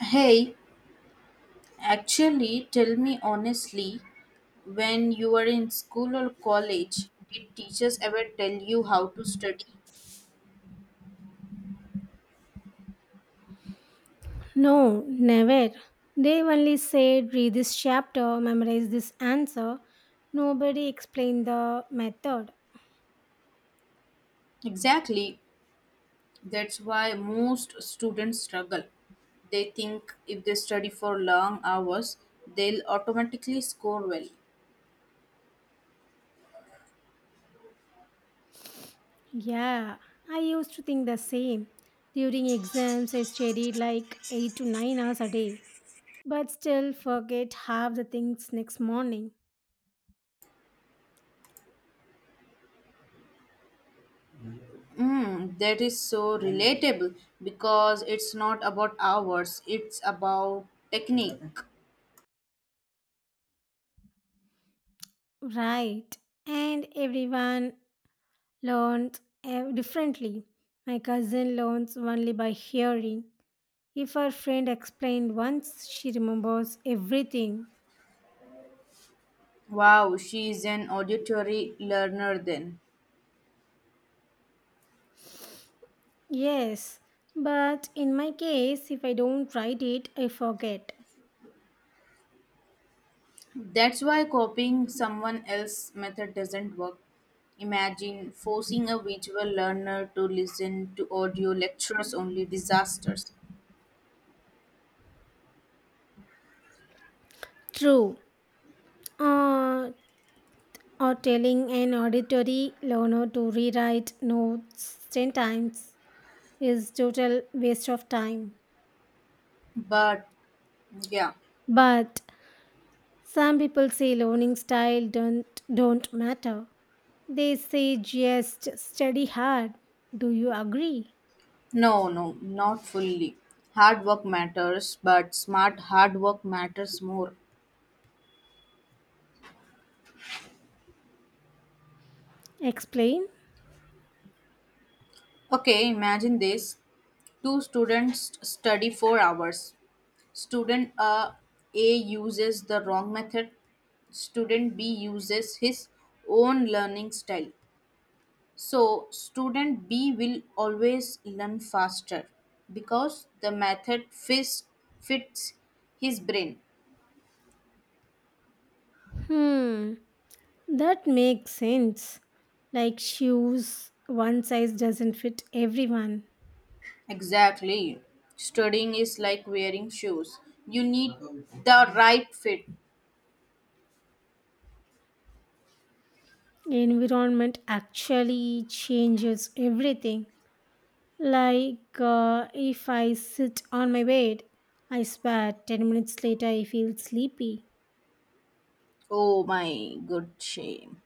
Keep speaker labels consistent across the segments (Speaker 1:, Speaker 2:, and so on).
Speaker 1: Hey, actually, tell me honestly, when you were in school or college, did teachers ever tell you how to study?
Speaker 2: No, never. They only said read this chapter, memorize this answer. Nobody explained the method.
Speaker 1: Exactly. That's why most students struggle. They think if they study for long hours, they'll automatically score well.
Speaker 2: Yeah, I used to think the same. During exams, I studied like 8 to 9 hours a day, but still forget half the things next morning.
Speaker 1: Mm, that is so relatable because it's not about hours, it's about technique.
Speaker 2: Right, and everyone learns differently. My cousin learns only by hearing. If her friend explained once, she remembers everything.
Speaker 1: Wow, she is an auditory learner then.
Speaker 2: Yes, but in my case, if I don't write it, I forget.
Speaker 1: That's why copying someone else's method doesn't work. Imagine forcing a visual learner to listen to audio lectures only disasters.
Speaker 2: True. Uh, or telling an auditory learner to rewrite notes 10 times is total waste of time.
Speaker 1: But yeah,
Speaker 2: But some people say learning style don't matter. They say just study hard. Do you agree?
Speaker 1: no, no, not fully. Hard work matters, but smart hard work matters more.
Speaker 2: Explain?
Speaker 1: Okay, imagine this. Two students study 4 hours. Student A uses the wrong method. Student B uses his own learning style. So, student B will always learn faster because the method fits, his brain.
Speaker 2: Hmm. That makes sense. Like shoes, one size doesn't fit everyone.
Speaker 1: Exactly. Studying is like wearing shoes. You need the right fit.
Speaker 2: Environment actually changes everything. If I sit on my bed, I swear 10 minutes later I feel sleepy.
Speaker 1: Oh my good shame.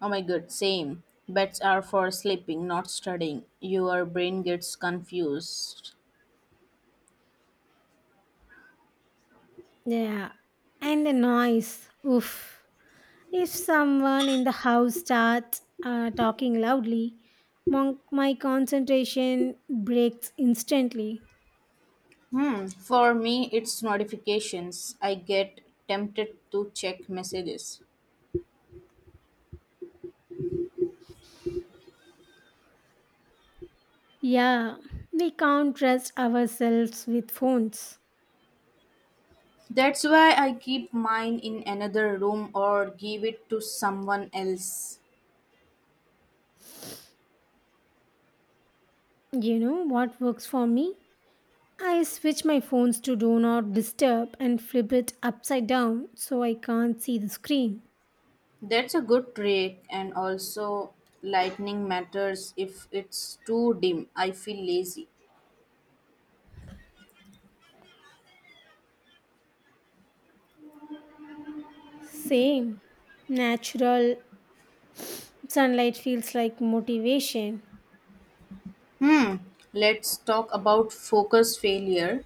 Speaker 1: Oh my good same. Beds are for sleeping, not studying. Your brain gets confused.
Speaker 2: Yeah. And the noise. Oof. If someone in the house starts talking loudly, my concentration breaks instantly.
Speaker 1: Hmm. For me, it's notifications. I get tempted to check messages.
Speaker 2: Yeah, we can't trust ourselves with phones.
Speaker 1: That's why I keep mine in another room or give it to someone else.
Speaker 2: You know what works for me? I switch my phones to do not disturb and flip it upside down so I can't see the screen.
Speaker 1: That's a good trick, and also lightning matters if it's too dim. I feel lazy.
Speaker 2: Same. Natural sunlight feels like motivation.
Speaker 1: Hmm, let's talk about focus failure.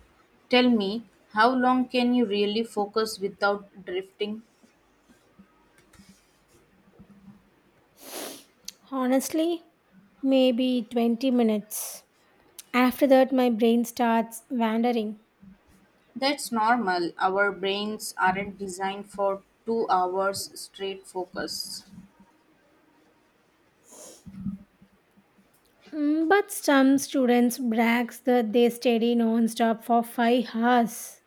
Speaker 1: Tell me, how long can you really focus without drifting?
Speaker 2: Honestly, maybe 20 minutes. After that, my brain starts wandering.
Speaker 1: That's normal. Our brains aren't designed for 2 hours straight focus.
Speaker 2: Mm, but some students brags that they study non-stop for 5 hours.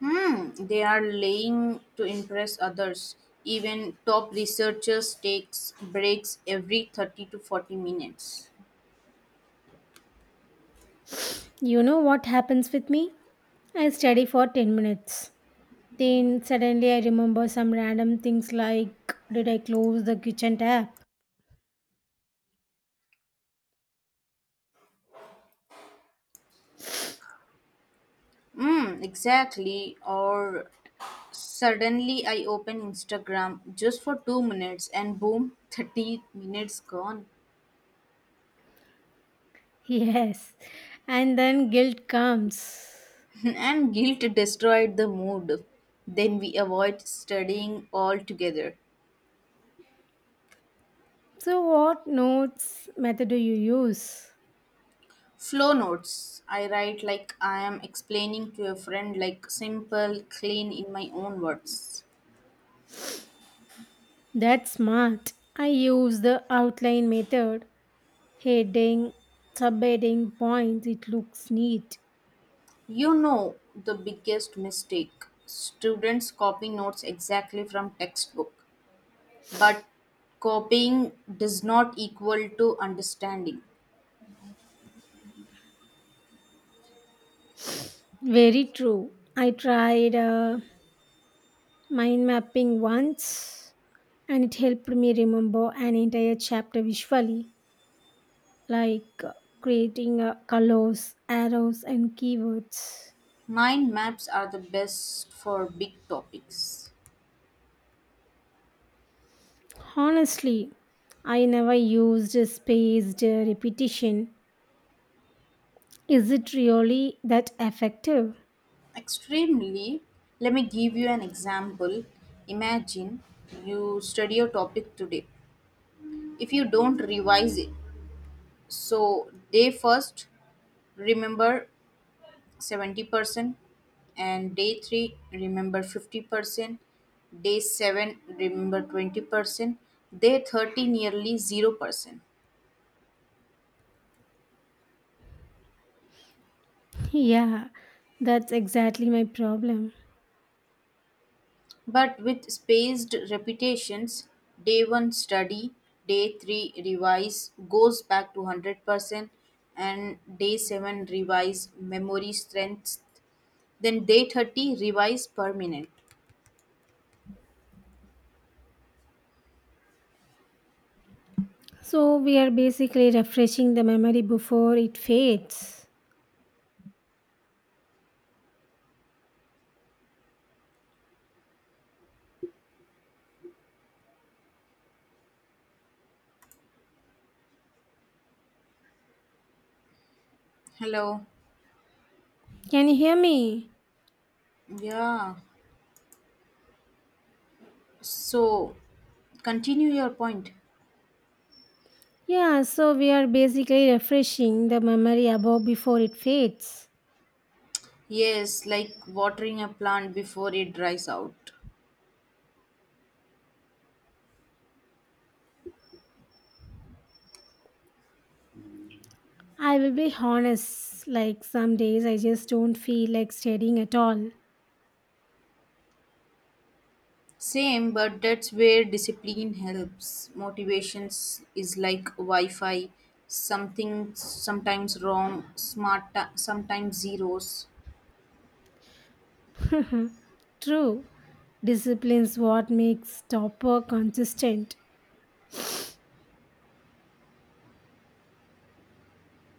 Speaker 1: Hmm, they are laying to impress others. Even top researchers takes breaks every 30 to 40 minutes.
Speaker 2: You know what happens with me? I study for 10 minutes. Then suddenly I remember some random things like did I close the kitchen tap?
Speaker 1: Hmm, exactly. Or suddenly I open Instagram just for 2 minutes and boom, 30 minutes gone.
Speaker 2: Yes. And then guilt comes.
Speaker 1: And guilt destroyed the mood. Then we avoid studying altogether.
Speaker 2: So what notes method do you use?
Speaker 1: Flow notes. I write like I am explaining to a friend, like simple, clean in my own words.
Speaker 2: That's smart. I use the outline method. Heading, subheading, points. It looks neat.
Speaker 1: You know the biggest mistake? Students copy notes exactly from textbook, but copying does not equal to understanding.
Speaker 2: Very true. I tried mind mapping once and it helped me remember an entire chapter visually, like uh, creating colors, arrows, and keywords.
Speaker 1: Mind maps are the best for big topics.
Speaker 2: Honestly, I never used spaced repetition. Is it really that effective?
Speaker 1: Extremely, let me give you an example. Imagine you study a topic today. If you don't revise it, so day first, remember 70%, and day 3 remember 50%, day 7 remember 20%, day 30 nearly 0%,
Speaker 2: Yeah, that's exactly my problem.
Speaker 1: but with spaced repetitions, day 1 study, day 3 revise goes back to 100%, and day 7 revise memory strength, then day 30 revise permanent.
Speaker 2: So, we are basically refreshing the memory before it fades.
Speaker 1: Hello.
Speaker 2: Can you hear me?
Speaker 1: Yeah, so continue your point.
Speaker 2: Yeah, so we are basically refreshing the memory above before it fades.
Speaker 1: Yes, like watering a plant before it dries out.
Speaker 2: I will be honest, like some days I just don't feel like studying at all.
Speaker 1: Same, but that's where discipline helps. Motivations is like Wi-Fi, something sometimes wrong, smart ti- sometimes zeros.
Speaker 2: True, discipline's what makes topper consistent.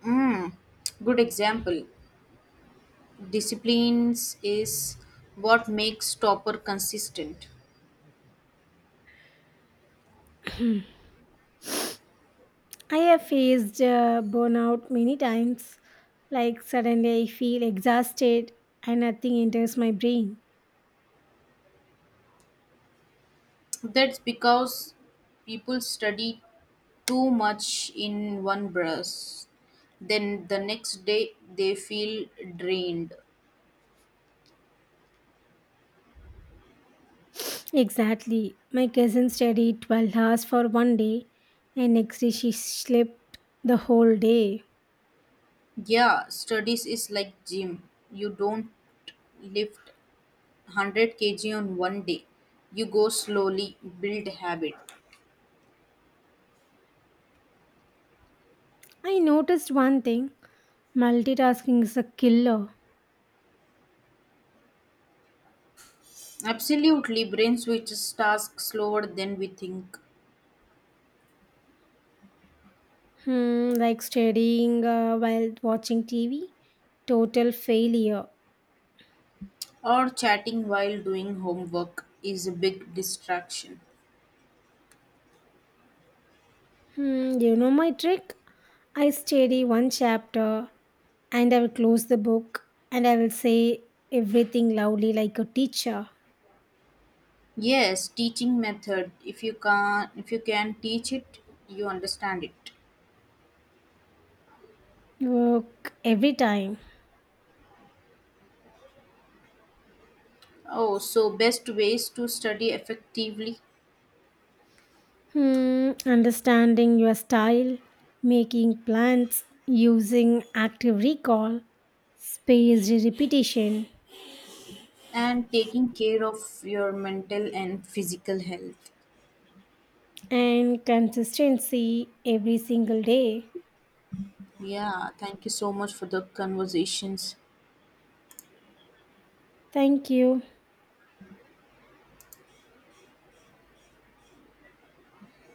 Speaker 1: Mm, good example. Disciplines is what makes topper consistent.
Speaker 2: I have faced burnout many times. Like suddenly I feel exhausted and nothing enters my brain.
Speaker 1: That's because people study too much in one brush. Then the next day they feel drained.
Speaker 2: Exactly. My cousin studied 12 hours for one day and next day she slept the whole day.
Speaker 1: Yeah, studies is like gym. You don't lift 100 kg on one day. You go slowly, build habit.
Speaker 2: I noticed one thing multitasking is a killer.
Speaker 1: Absolutely, brain switches tasks slower than we think.
Speaker 2: Hmm, like studying while watching TV. Total failure.
Speaker 1: Or chatting while doing homework is a big distraction.
Speaker 2: Hmm, you know my trick? I study one chapter and I will close the book and I will say everything loudly like a teacher.
Speaker 1: Yes, teaching method. If you can teach it, you understand it.
Speaker 2: Work every time.
Speaker 1: Oh, so best ways to study effectively
Speaker 2: Hmm, understanding your style, making plans, using active recall, spaced repetition.
Speaker 1: and taking care of your mental and physical health.
Speaker 2: And consistency every single day.
Speaker 1: Yeah, thank you so much for the conversations.
Speaker 2: Thank you.